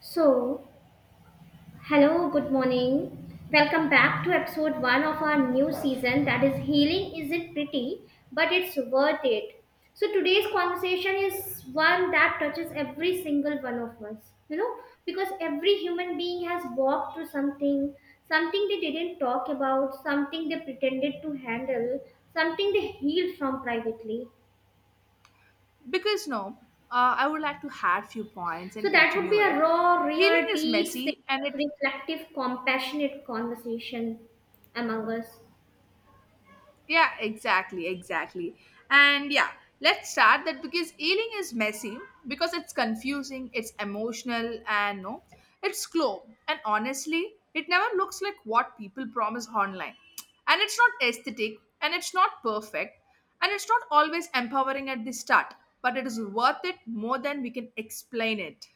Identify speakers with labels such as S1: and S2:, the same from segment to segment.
S1: So, hello, good morning. Welcome back to episode one of our new season that is Healing Isn't Pretty, but It's Worth It. So, today's conversation is one that touches every single one of us, you know, because every human being has walked through something, something they didn't talk about, something they pretended to handle, something they healed from privately.
S2: Because no, I would like to add few points
S1: So
S2: and
S1: that would
S2: continue
S1: be
S2: it.
S1: a raw,
S2: Healing
S1: real,
S2: is
S1: deep, safe,
S2: messy and it...
S1: reflective, compassionate conversation among us.
S2: Yeah, exactly, exactly. And yeah, let's start that because healing is messy, because it's confusing, it's emotional, and no, it's slow, and honestly it never looks like what people promise online. And it's not aesthetic, and it's not perfect, and it's not always empowering at the start, but it is worth it more than we can explain it.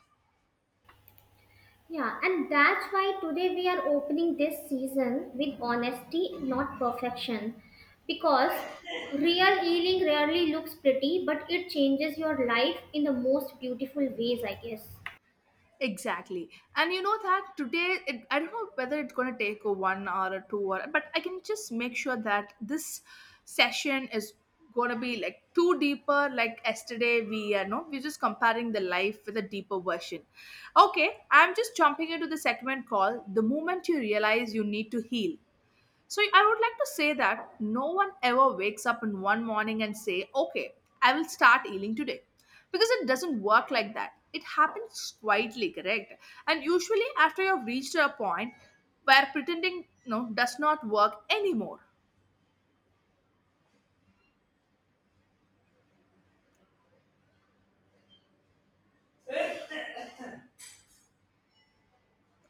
S1: Yeah, and that's why today we are opening this season with honesty, not perfection. Because real healing rarely looks pretty, but it changes your life in the most beautiful ways, I guess.
S2: Exactly. And you know that today, it, I don't know whether it's going to take a 1 hour or 2 hour, but I can just make sure that this session is going to be like too deeper. Like yesterday, we are no, we're just comparing the life with a deeper version. Okay, I'm just jumping into the segment called The Moment You Realize You Need to Heal. So I would like to say that no one ever wakes up in one morning and say, "Okay, I will start healing today." Because it doesn't work like that. It happens quietly, correct? And usually after you've reached a point where pretending no does not work anymore.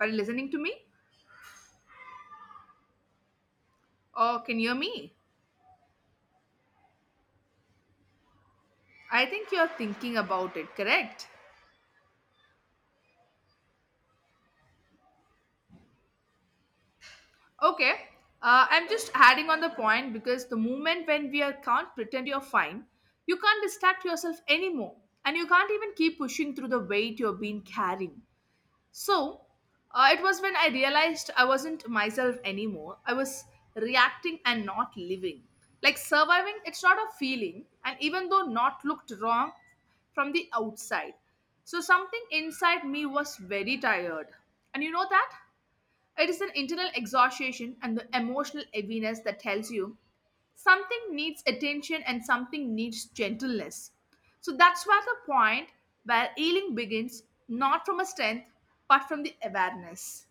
S2: Are you listening to me? Or can you hear me? I think you're thinking about it, correct? Okay. I'm just adding on the point because the moment when we are can't pretend you're fine, you can't distract yourself anymore, and you can't even keep pushing through the weight you are being carrying. So, it was when I realized I wasn't myself anymore. I was reacting and not living. Like surviving, it's not a feeling, and even though not looked wrong from the outside. So, something inside me was very tired. And you know that? It is an internal exhaustion and the emotional heaviness that tells you something needs attention and something needs gentleness. So that's where the point where healing begins, not from a strength, but from the awareness.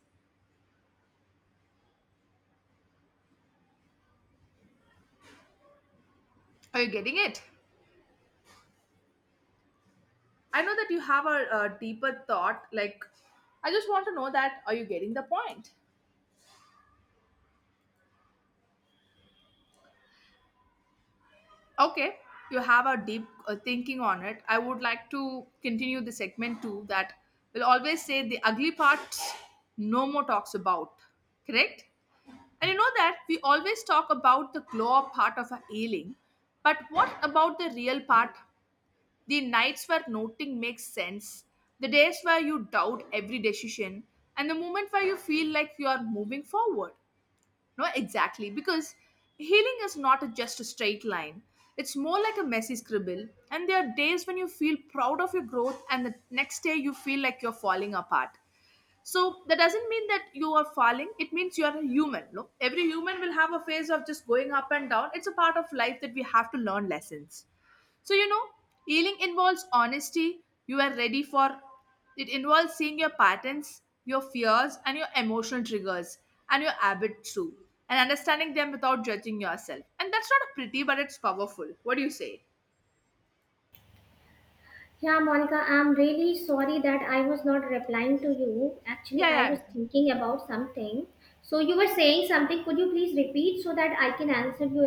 S2: Are you getting it? I know that you have a deeper thought. Like, I just want to know that are you getting the point? Okay, you have a deep thinking on it. I would like to continue the segment too that will always say the ugly parts no more talks about, correct? And you know that we always talk about the glow up part of a ailing, but what about the real part? The nights where nothing makes sense, the days where you doubt every decision, and the moment where you feel like you are moving forward. No, exactly. Because healing is not just a straight line. It's more like a messy scribble. And there are days when you feel proud of your growth, and the next day you feel like you're falling apart, so that doesn't mean that you are falling, it means you are a human. Look, every human will have a phase of just going up and down. It's a part of life that we have to learn lessons. So you know, healing involves honesty. You are ready for It involves seeing your patterns, your fears, and your emotional triggers, and your habits too, and understanding them without judging yourself. And that's not pretty, but it's powerful. What do you say?
S1: Yeah, Monica, I'm really sorry that I was not replying to you. Actually,
S2: Yeah,
S1: I
S2: yeah.
S1: was thinking about something. So, you were saying something. Could you please repeat so that I can answer you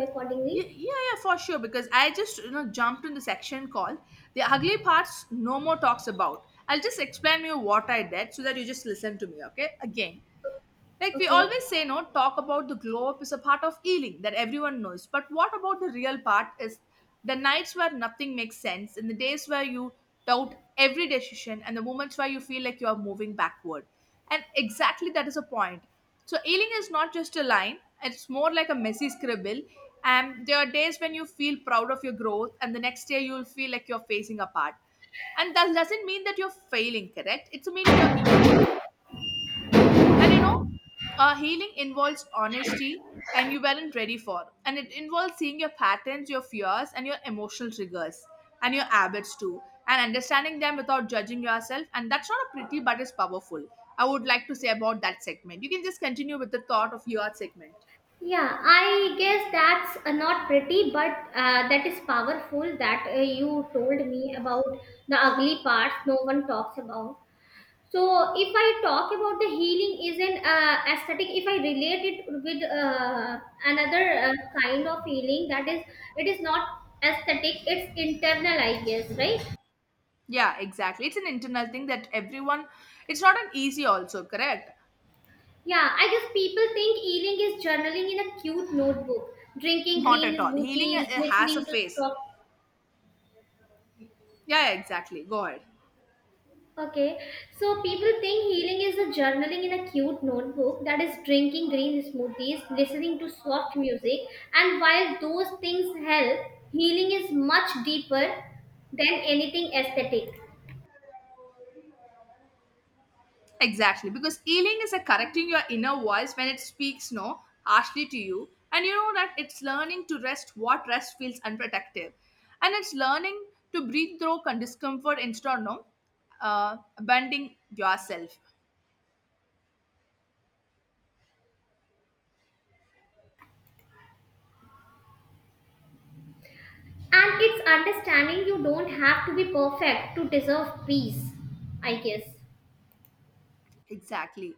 S2: Yeah, yeah,
S1: accordingly?
S2: yeah, for sure. Because I just you know jumped in the section called the ugly parts. No more talks about. I'll just explain you what I did so that you just listen to me, okay? Again, like we
S1: Okay.
S2: always say, no, talk about the glow up is a part of healing that everyone knows. But what about the real part is the nights where nothing makes sense, and the days where you doubt every decision, and the moments where you feel like you are moving backward. And exactly that is a point. So healing is not just a line, it's more like a messy scribble. And there are days when you feel proud of your growth, and the next day you'll feel like you're facing apart. And that doesn't mean that you're failing, correct? It's meaning you're human. And you know, healing involves honesty and you weren't ready for. And it involves seeing your patterns, your fears, and your emotional triggers and your habits too, and understanding them without judging yourself. And that's not a pretty, but it's powerful. I would like to say about that segment. You can just continue with the thought of your segment.
S1: Yeah, I guess that's not pretty, but that is powerful that you told me about the ugly parts no one talks about. So, if I talk about the healing is an aesthetic, if I relate it with another kind of healing, that is, it is not aesthetic, it's internal, I guess, right?
S2: Yeah, exactly. It's an internal thing that everyone, it's not an easy, also, correct?
S1: Yeah, I guess people think healing is journaling in a cute notebook, drinking
S2: Not
S1: green
S2: at all. Healing
S1: smoothies,
S2: has a
S1: listening to
S2: face.
S1: soft.
S2: Yeah, yeah, exactly. Go ahead.
S1: Okay, so people think healing is a journaling in a cute notebook that is drinking green smoothies, listening to soft music, and while those things help, healing is much deeper than anything aesthetic.
S2: Exactly, because healing is a correcting your inner voice when it speaks no harshly to you, and you know that it's learning to rest what rest feels unprotective, and it's learning to breathe through discomfort instead of no, abandoning yourself.
S1: And it's understanding you don't have to be perfect to deserve peace, I guess.
S2: Exactly.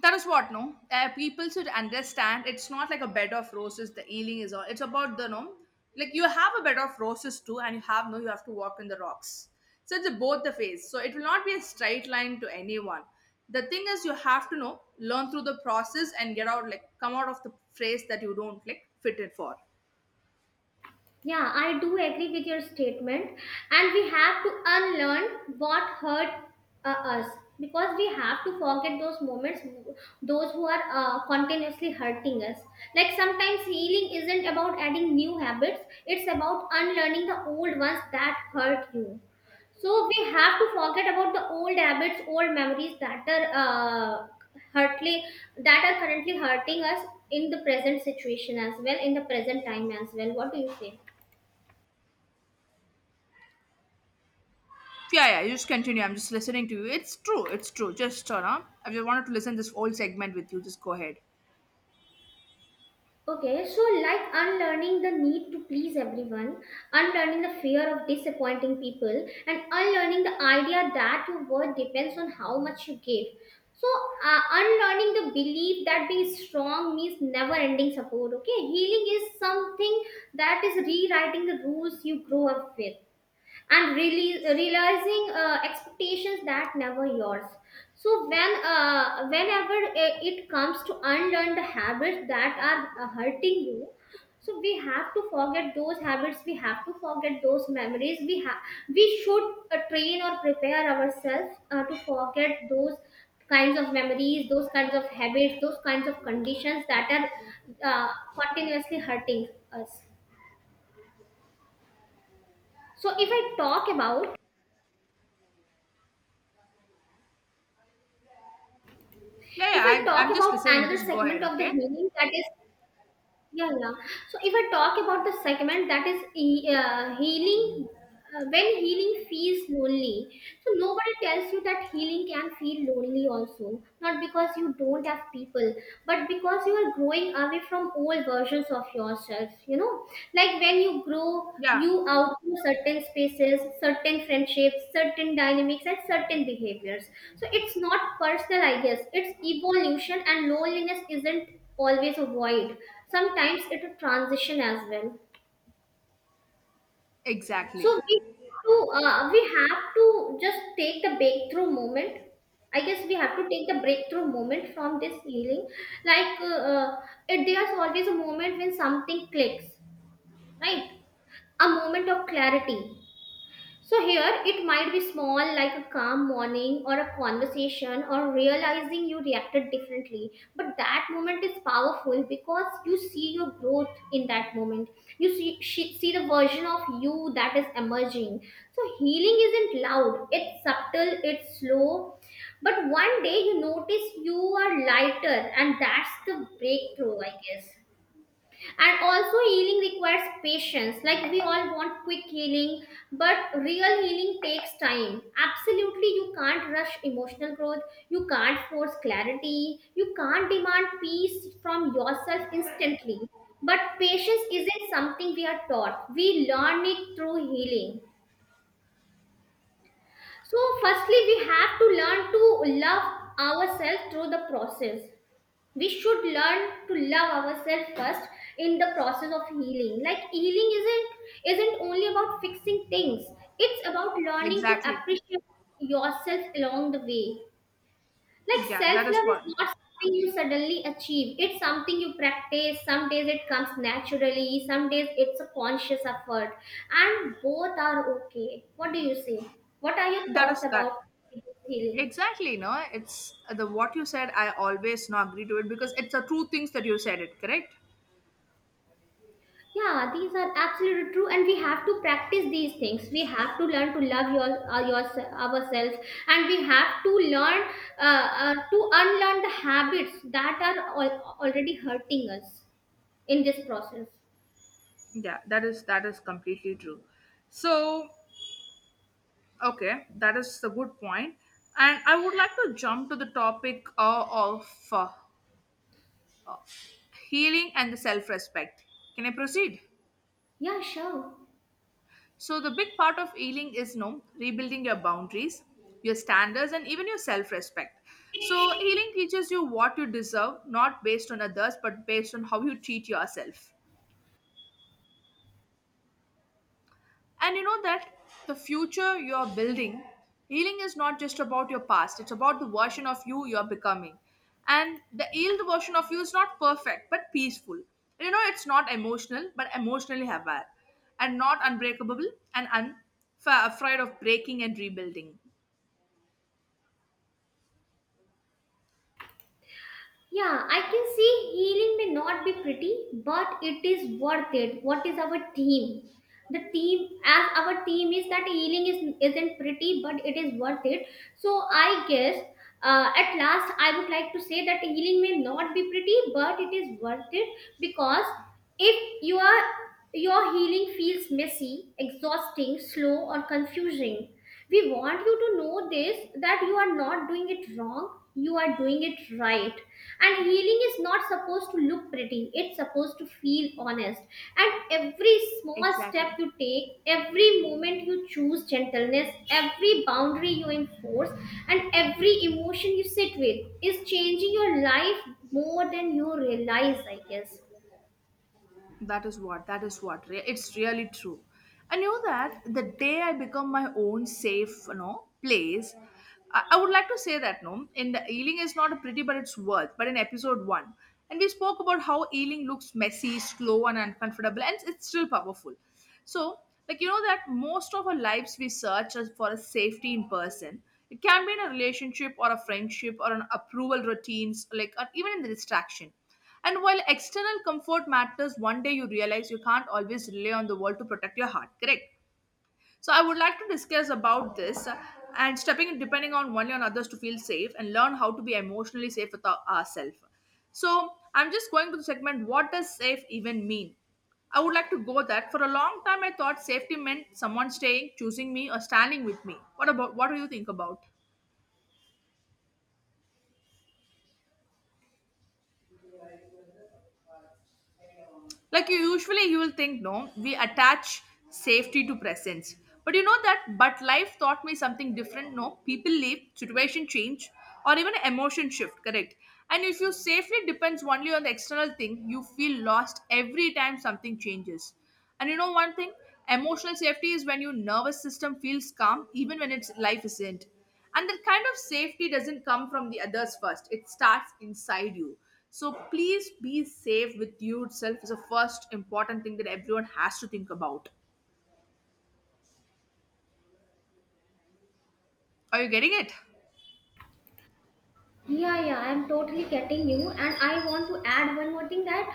S2: That is what no, people should understand. It's not like a bed of roses. The healing is all. It's about the no, like you have a bed of roses too, and you have no. You have to walk in the rocks. So it's a both the phase. So it will not be a straight line to anyone. The thing is, you have to know learn through the process and get out like come out of the phase that you don't like fit it for.
S1: Yeah, I do agree with your statement. And we have to unlearn what hurt us because we have to forget those moments, those who are continuously hurting us. Like sometimes healing isn't about adding new habits, it's about unlearning the old ones that hurt you. So we have to forget about the old habits, old memories that are hurtly, that are currently hurting us in the present situation as well, in the present time as well. What do you say?
S2: Yeah, yeah. You just continue. I'm just listening to you. It's true. It's true. Just turn on. I just wanted to listen this whole segment with you. Just go ahead.
S1: Okay, so like unlearning the need to please everyone, unlearning the fear of disappointing people, and unlearning the idea that your worth depends on how much you give. So, unlearning the belief that being strong means never ending support. Okay, healing is something that is rewriting the rules you grow up with and really realizing expectations that never yours. So when whenever it comes to unlearn the habits that are hurting you, so we have to forget those habits, we have to forget those memories, we should train or prepare ourselves to forget those kinds of memories, those kinds of habits, those kinds of conditions that are uh, continuously hurting us. so if i talk about
S2: Yeah,
S1: If I
S2: yeah. I,
S1: talk
S2: I'm just
S1: about
S2: listening.
S1: another
S2: Just go ahead.
S1: segment of the
S2: Okay.
S1: healing, that is yeah, yeah. So if I talk about the segment that is healing, when healing feels lonely. So nobody tells you that healing can feel lonely also. Not because you don't have people, but because you are growing away from old versions of yourself. You know, like when you grow,
S2: Yeah.
S1: you outgrow certain spaces, certain friendships, certain dynamics, and certain behaviors. So it's not personal, I guess. It's evolution, and loneliness isn't always a void. Sometimes it will transition as well. So
S2: Exactly.
S1: we have to just take the breakthrough moment. I guess we have to take the breakthrough moment from this healing. like uh, uh, there's always a moment when something clicks, right? A moment of clarity. So here it might be small, like a calm morning or a conversation or realizing you reacted differently. But that moment is powerful because you see your growth in that moment. See the version of you that is emerging. So healing isn't loud. It's subtle. It's slow. But one day you notice you are lighter, and that's the breakthrough, I guess. And also healing requires patience. Like we all want quick healing, but real healing takes time. Absolutely, you can't rush emotional growth, you can't force clarity, you can't demand peace from yourself instantly. But patience isn't something we are taught, we learn it through healing. So firstly we have to learn to love ourselves through the process. We should learn to love ourselves first in the process of healing. Like healing isn't only about fixing things, it's about learning to
S2: Exactly.
S1: appreciate yourself along the way. Like
S2: Yeah, that
S1: self
S2: is
S1: love
S2: what.
S1: is not something you suddenly achieve, it's something you practice. Some days it comes naturally, some days it's a conscious effort, and both are okay. What do you say? What are your
S2: That
S1: thoughts
S2: is that.
S1: about healing?
S2: Exactly. No, it's the what you said. I always no agree to it because it's the true things that you said. It correct.
S1: Yeah, these are absolutely true, and we have to practice these things. We have to learn to love your ourselves, and we have to learn to unlearn the habits that are already hurting us in this process.
S2: Yeah, that is completely true. So okay, that is a good point. And I would like to jump to the topic of uh, uh, healing and the self-respect. Can I proceed?
S1: Yeah, sure.
S2: So, the big part of healing is you know, rebuilding your boundaries, your standards, and even your self respect. So, healing teaches you what you deserve, not based on others, but based on how you treat yourself. And you know that the future you're building, healing is not just about your past, it's about the version of you you're becoming. And the healed version of you is not perfect, but peaceful. You know, it's not emotional, but emotionally aware, and not unbreakable and unafraid of breaking and rebuilding.
S1: Yeah, I can see healing may not be pretty, but it is worth it. What is our theme? The theme, as our theme is that healing is isn't pretty, but it is worth it. So I guess at last I would like to say that healing may not be pretty, but it is worth it because if you are, your healing feels messy, exhausting, slow, or confusing, we want you to know this: that you are not doing it wrong, you are doing it right. And healing is not supposed to look pretty, it's supposed to feel honest. And every small step
S2: Exactly.
S1: you take, every moment you choose gentleness, every boundary you enforce, and every emotion you sit with is changing your life more than you realize, I guess.
S2: That is what. That is what. It's really true. I knew that the day I become my own safe, you know, place. I would like to say that no, in the Ealing is not a pretty, but it's worth. But in episode 1, and we spoke about how Ealing looks messy, slow, and uncomfortable, and it's still powerful. So, like you know that most of our lives we search for a safety in person. It can be in a relationship or a friendship or an approval routines, like or even in the distraction. And while external comfort matters, one day you realize you can't always rely on the world to protect your heart, correct? So I would like to discuss about this, and stepping in depending on one on others to feel safe and learn how to be emotionally safe with ourselves. So I'm just going to the segment what does safe even mean? I would like to go that for a long time I thought safety meant someone staying, choosing me or standing with me. What about what do you think about? Like you usually you will think no, we attach safety to presence, but you know that, but life taught me something different. No, people leave, situation change, or even emotion shift, correct? And if you safely depends only on the external thing, you feel lost every time something changes. And you know one thing, emotional safety is when your nervous system feels calm even when its life isn't. And that kind of safety doesn't come from the others first, it starts inside you. So please be safe with yourself is the first important thing that everyone has to think about. Are you getting it?
S1: Yeah, yeah, I'm totally getting you, and I want to add one more thing, that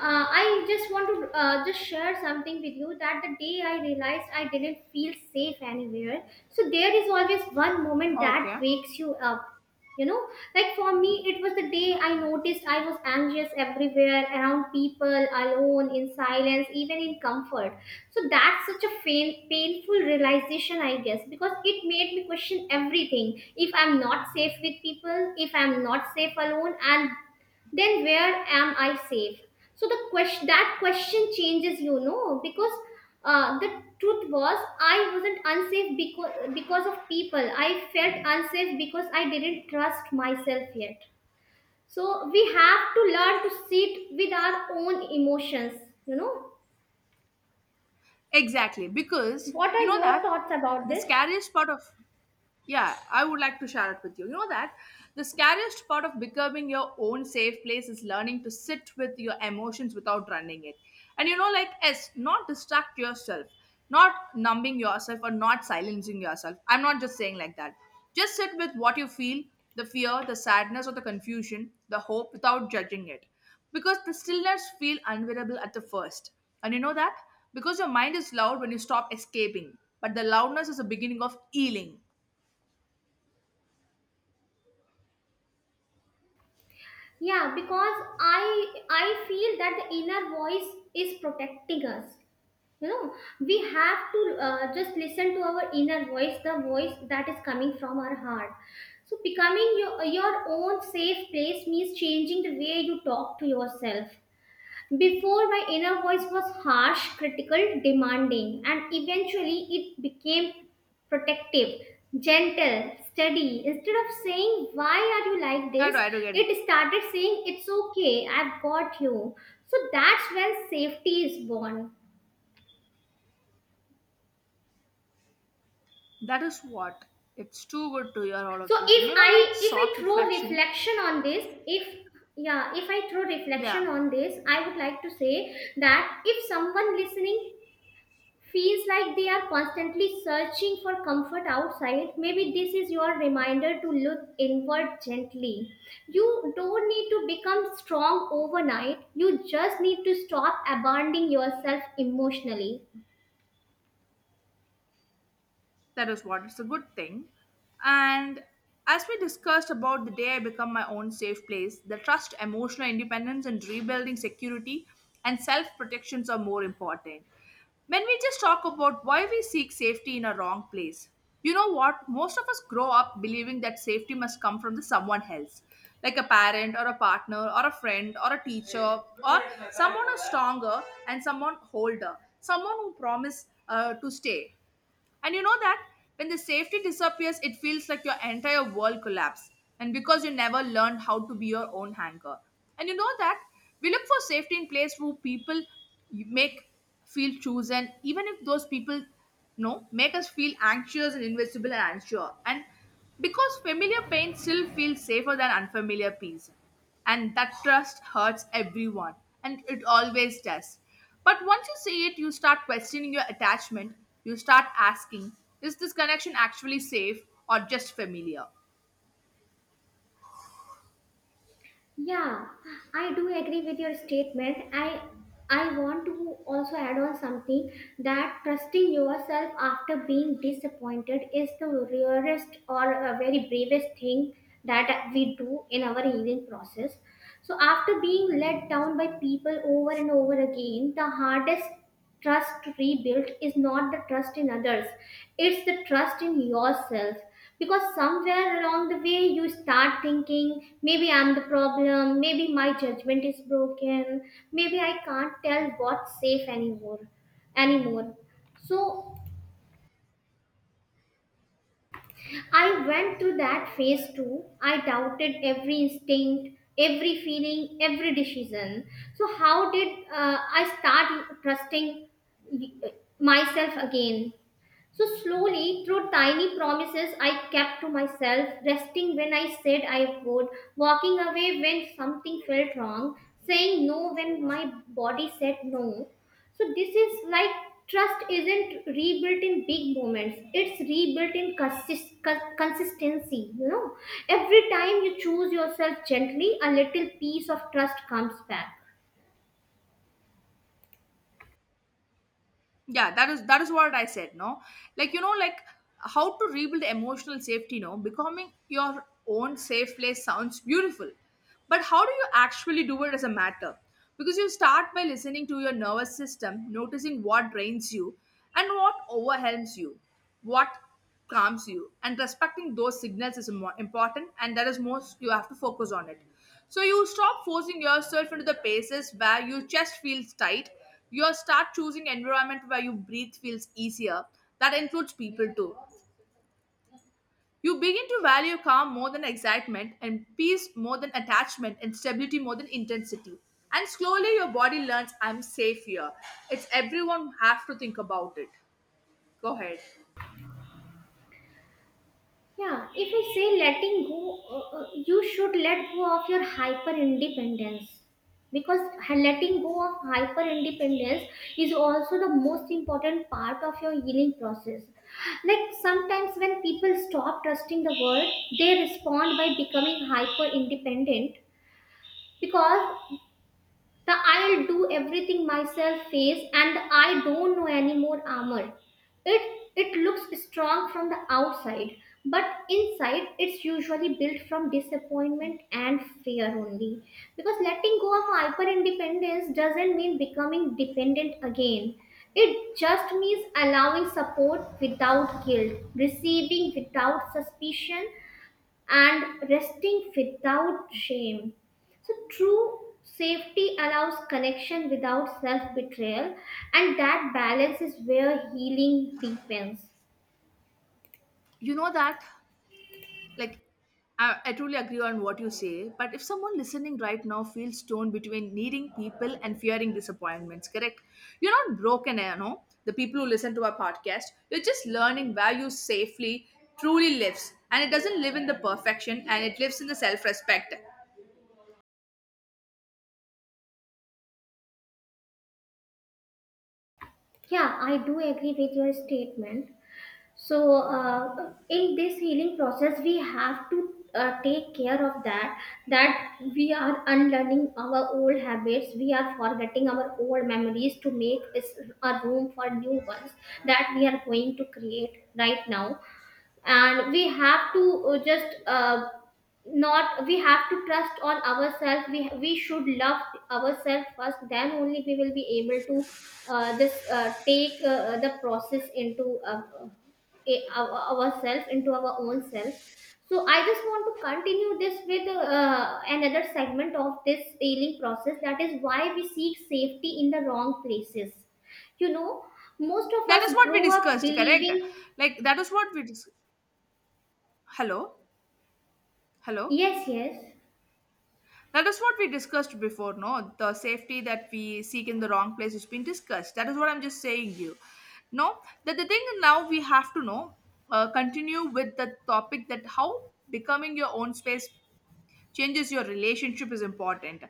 S1: I just want to just share something with you, that the day I realized I didn't feel safe anywhere. So there is always one moment that
S2: Okay.
S1: wakes you up. You know, like for me, it was the day I noticed I was anxious everywhere, around people, alone, in silence, even in comfort. So that's such a painful realization, I guess, because it made me question everything. If I'm not safe with people, if I'm not safe alone, and then where am I safe? So the question that question changes, you know, because the truth was I wasn't unsafe because of people. I felt unsafe because I didn't trust myself yet. So we have to learn to sit with our own emotions, you know.
S2: Exactly, because
S1: What are
S2: you know
S1: your
S2: that
S1: thoughts about
S2: the
S1: this?
S2: scariest part of... Yeah, I would like to share it with you. You know that the scariest part of becoming your own safe place is learning to sit with your emotions without running it. And you know, like s not distract yourself, not numbing yourself, or not silencing yourself. I'm not just saying like that, just sit with what you feel, the fear, the sadness, or the confusion, the hope, without judging it. Because the stillness feel unbearable at the first. And you know that, because your mind is loud when you stop escaping, but the loudness is the beginning of healing.
S1: Yeah, because I feel that the inner voice is protecting us. You know, we have to just listen to our inner voice, the voice that is coming from our heart. So becoming your own safe place means changing the way you talk to yourself. Before, my inner voice was harsh, critical, demanding, and eventually it became protective, gentle, steady. Instead of saying, "Why are you like this?"
S2: I do get it.
S1: it started saying, "It's okay, I've got you." So that's when safety is born.
S2: That is what. It's too good to hear all
S1: So
S2: of these things, you know, like
S1: if I
S2: soft
S1: throw
S2: reflection.
S1: reflection on this, if Yeah, if I throw
S2: Yeah.
S1: reflection on this, I would like to say that if someone listening feels like they are constantly searching for comfort outside, maybe this is your reminder to look inward gently. You don't need to become strong overnight, you just need to stop abandoning yourself emotionally.
S2: That is what, it's a good thing. And as we discussed about the day I become my own safe place, the trust, emotional independence, and rebuilding security and self protections are more important. When we just talk about why we seek safety in a wrong place, you know what? Most of us grow up believing that safety must come from the someone else, like a parent or a partner or a friend or a teacher or someone who's stronger and someone older, someone who promised to stay. And you know that when the safety disappears, it feels like your entire world collapses. And because you never learned how to be your own anchor. And you know that we look for safety in place where people make feel chosen, even if those people no make us feel anxious and invisible and unsure. And because familiar pain still feels safer than unfamiliar peace, and that trust hurts everyone, and it always does. But once you see it, you start questioning your attachment. You start asking, is this connection actually safe or just familiar?
S1: Yeah, I do agree with your statement. I want to also add on something, that trusting yourself after being disappointed is the rarest or a very bravest thing that we do in our healing process. So after being let down by people over and over again, the hardest trust rebuilt is not the trust in others, it's the trust in yourself, because somewhere along the way you start thinking, maybe I'm the problem, maybe my judgment is broken, maybe I can't tell what's safe anymore. So I went through that phase too. I doubted every instinct, every feeling, every decision. So how did I start trusting uh, myself again? So, slowly, through tiny promises I kept to myself, resting when I said I would, walking away when something felt wrong, saying no when my body said no. So, this is like trust isn't rebuilt in big moments, it's rebuilt in consistency. You know, every time you choose yourself gently, a little piece of trust comes back.
S2: Yeah, that is, that is what I said, no? Like, you know, like how to rebuild emotional safety, no? Becoming your own safe place sounds beautiful, but how do you actually do it as a matter? Because you start by listening to your nervous system, noticing what drains you and what overwhelms you, what calms you, and respecting those signals is more important, and that is most you have to focus on it. So you stop forcing yourself into the places where your chest feels tight. You start choosing environment where you breathe feels easier. That includes people too. You begin to value calm more than excitement, and peace more than attachment, and stability more than intensity. And slowly your body learns, I'm safe here. It's everyone have to think about it. Go ahead.
S1: Yeah, if I say letting go, you should let go of your hyper independence, because letting go of hyper independence is also the most important part of your healing process. Like sometimes when people stop trusting the world, they respond by becoming hyper independent because the "I'll do everything myself" phase, and the "I don't know any more" armor. It looks strong from the outside, but inside it's usually built from disappointment and fear only. Because letting go of hyper independence doesn't mean becoming dependent again. It just means allowing support without guilt, receiving without suspicion, and resting without shame. So, true safety allows connection without self betrayal, and that balance is where healing deepens.
S2: You know that, like, I truly agree on what you say, but if someone listening right now feels torn between needing people and fearing disappointments, correct? You're not broken. You know, the people who listen to our podcast, you're just learning where you safely truly lives, and it doesn't live in the perfection, and it lives in the self-respect.
S1: Yeah, I do agree with your statement. So, in this healing process, we have to take care of that we are unlearning our old habits, we are forgetting our old memories to make a room for new ones that we are going to create right now, and we have to just not we have to trust on ourselves, we should love ourselves first, then only we will be able to just take the process into our, ourselves into our own self. So I just want to continue this with another segment of this healing process, that is why we seek safety in the wrong places. You know, most of
S2: That is
S1: us
S2: what we
S1: grow up
S2: discussed, correct?
S1: believing.
S2: Like, that is what we hello? Hello?
S1: Yes, yes.
S2: That is what we discussed before, no? The safety that we seek in the wrong place has been discussed. That is what I'm just saying you. No, that the thing now we have to know, continue with the topic that how becoming your own space changes your relationship is important.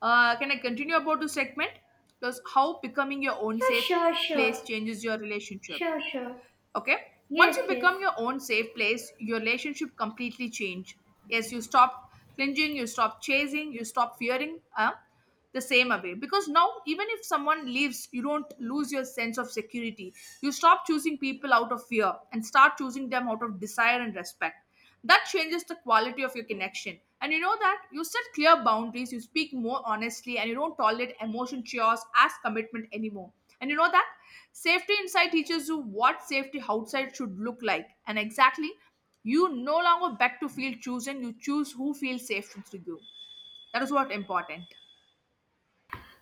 S2: Can I continue about the segment? Plus, how becoming your own
S1: Yeah,
S2: safe
S1: sure, sure,
S2: place changes your relationship.
S1: sure, sure.
S2: Okay? Once you
S1: Yes, yes.
S2: become your own safe place, your relationship completely change. Yes, you stop clinging, you stop chasing, you stop fearing the same away. Because now, even if someone leaves, you don't lose your sense of security. You stop choosing people out of fear and start choosing them out of desire and respect. That changes the quality of your connection. And you know that you set clear boundaries, you speak more honestly, and you don't tolerate emotion chores as commitment anymore. And you know that safety inside teaches you what safety outside should look like, and exactly, you no longer beg to feel chosen, you choose who feels safe through you. That is what important.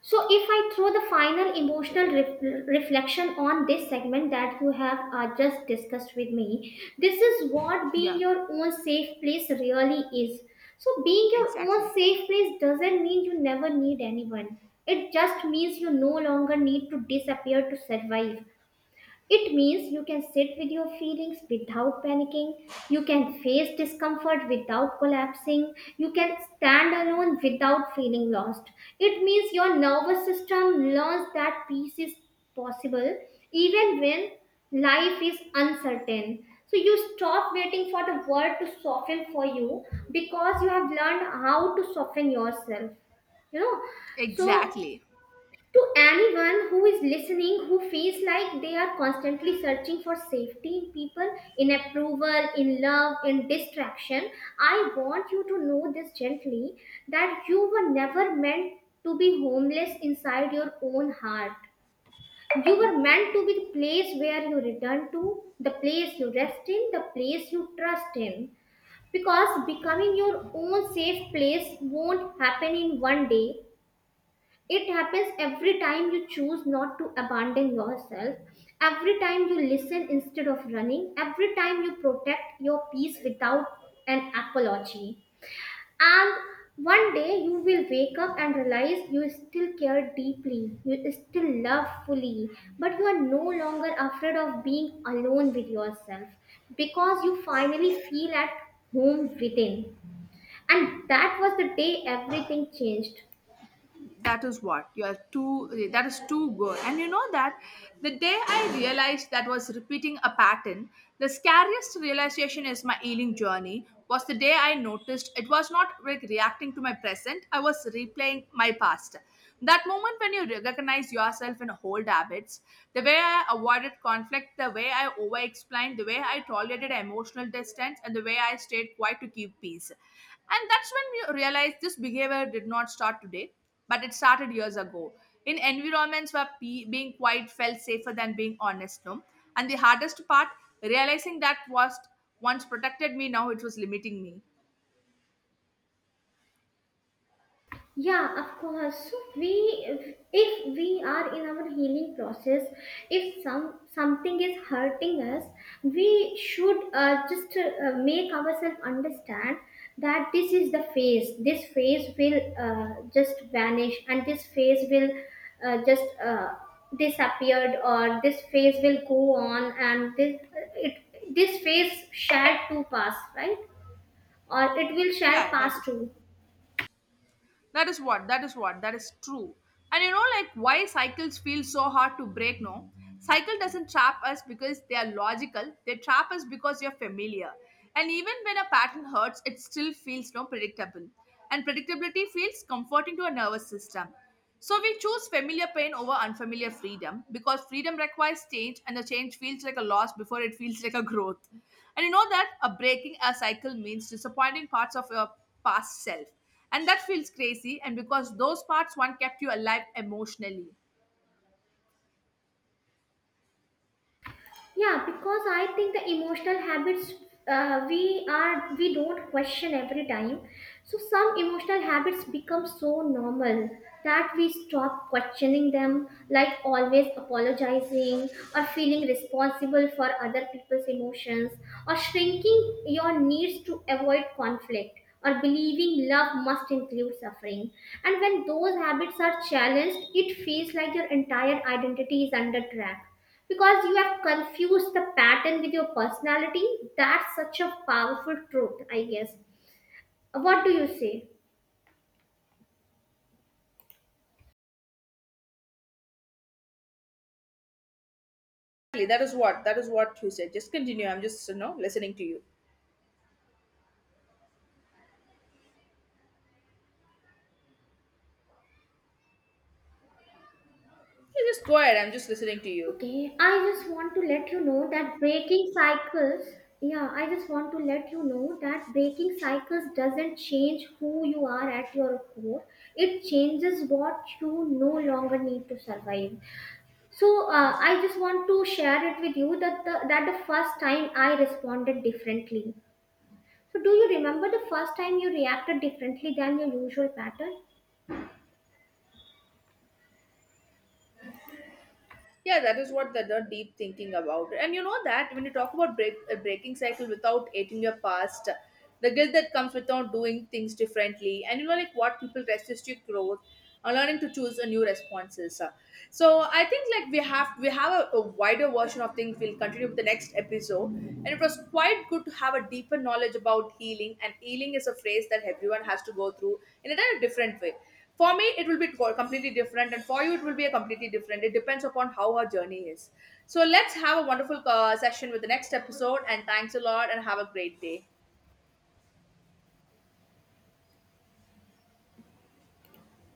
S1: So, if I throw the final emotional reflection on this segment that you have just discussed with me, this is what being
S2: Yeah,
S1: your own safe place really is. So, being your own
S2: exactly,
S1: safe place doesn't mean you never need anyone, it just means you no longer need to disappear to survive. It means you can sit with your feelings without panicking, you can face discomfort without collapsing, you can stand alone without feeling lost. It means your nervous system learns that peace is possible even when life is uncertain. So you stop waiting for the world to soften for you because you have learned how to soften yourself, you know. So
S2: exactly.
S1: to anyone who is listening, who feels like they are constantly searching for safety in people, in approval, in love, in distraction, I want you to know this gently, that you were never meant to be homeless inside your own heart. You were meant to be the place where you return to, the place you rest in, the place you trust in. Because becoming your own safe place won't happen in 1 day, it happens every time you choose not to abandon yourself, every time you listen instead of running, every time you protect your peace without an apology. And 1 day you will wake up and realize you still care deeply, you still love fully, but you are no longer afraid of being alone with yourself because you finally feel at home within. And that was the day everything changed.
S2: That is what you are too, that is too good. And you know that the day I realized that was repeating a pattern, the scariest realization is my healing journey was the day I noticed it was not like reacting to my present, I was replaying my past. That moment when you recognize yourself in old habits, the way I avoided conflict, the way I over explained, the way I tolerated emotional distance, and the way I stayed quiet to keep peace. And that's when we realized this behavior did not start today, but it started years ago, in environments where being quiet felt safer than being honest, no? And the hardest part, realizing that was once protected me, now it was limiting me.
S1: Yeah, of course. So we, if we are in our healing process, if something is hurting us, we should just make ourselves understand that this is the phase. This phase will just vanish, and this phase will just disappeared, or this phase will go on, and this phase shall to pass, right? Or it will shall
S2: Yeah, that
S1: pass
S2: was,
S1: too.
S2: that is what, that is what, that is true. And you know, like why cycles feel so hard to break, no? Cycle doesn't trap us because they are logical, they trap us because you're familiar. And even when a pattern hurts, it still feels no predictable. And predictability feels comforting to a nervous system. So we choose familiar pain over unfamiliar freedom, because freedom requires change, and the change feels like a loss before it feels like a growth. And you know that a breaking a cycle means disappointing parts of your past self, and that feels crazy, and because those parts one kept you alive emotionally.
S1: Yeah, because I think the emotional habits, we don't question every time. So some emotional habits become so normal that we stop questioning them, like always apologizing, or feeling responsible for other people's emotions, or shrinking your needs to avoid conflict, or believing love must include suffering. And when those habits are challenged, it feels like your entire identity is under track because you have confused the pattern with your personality. That's such a powerful truth, I guess. What do you say?
S2: Exactly, that is what, that is what you said. Just continue, I'm just, you know, listening to you. Yeah, just go ahead. I'm just listening to you.
S1: Okay, I just want to let you know that breaking cycles, yeah, I just want to let you know that breaking cycles doesn't change who you are at your core. It changes what you no longer need to survive. So I just want to share it with you that that the first time I responded differently. So, do you remember the first time you reacted differently than your usual pattern?
S2: Yeah, that is what, the deep thinking about. And you know that when you talk about break, a breaking cycle without hating your past, the guilt that comes without doing things differently, and you know, like what people resist your growth, and learning to choose a new responses. So I think, like, we have a wider version of things, we'll continue with the next episode. And it was quite good to have a deeper knowledge about healing, and healing is a phrase that everyone has to go through in a kind of different way. For me it will be completely different, and for you it will be a completely different. It depends upon how our journey is. So let's have a wonderful session with the next episode, and thanks a lot, and have a great day.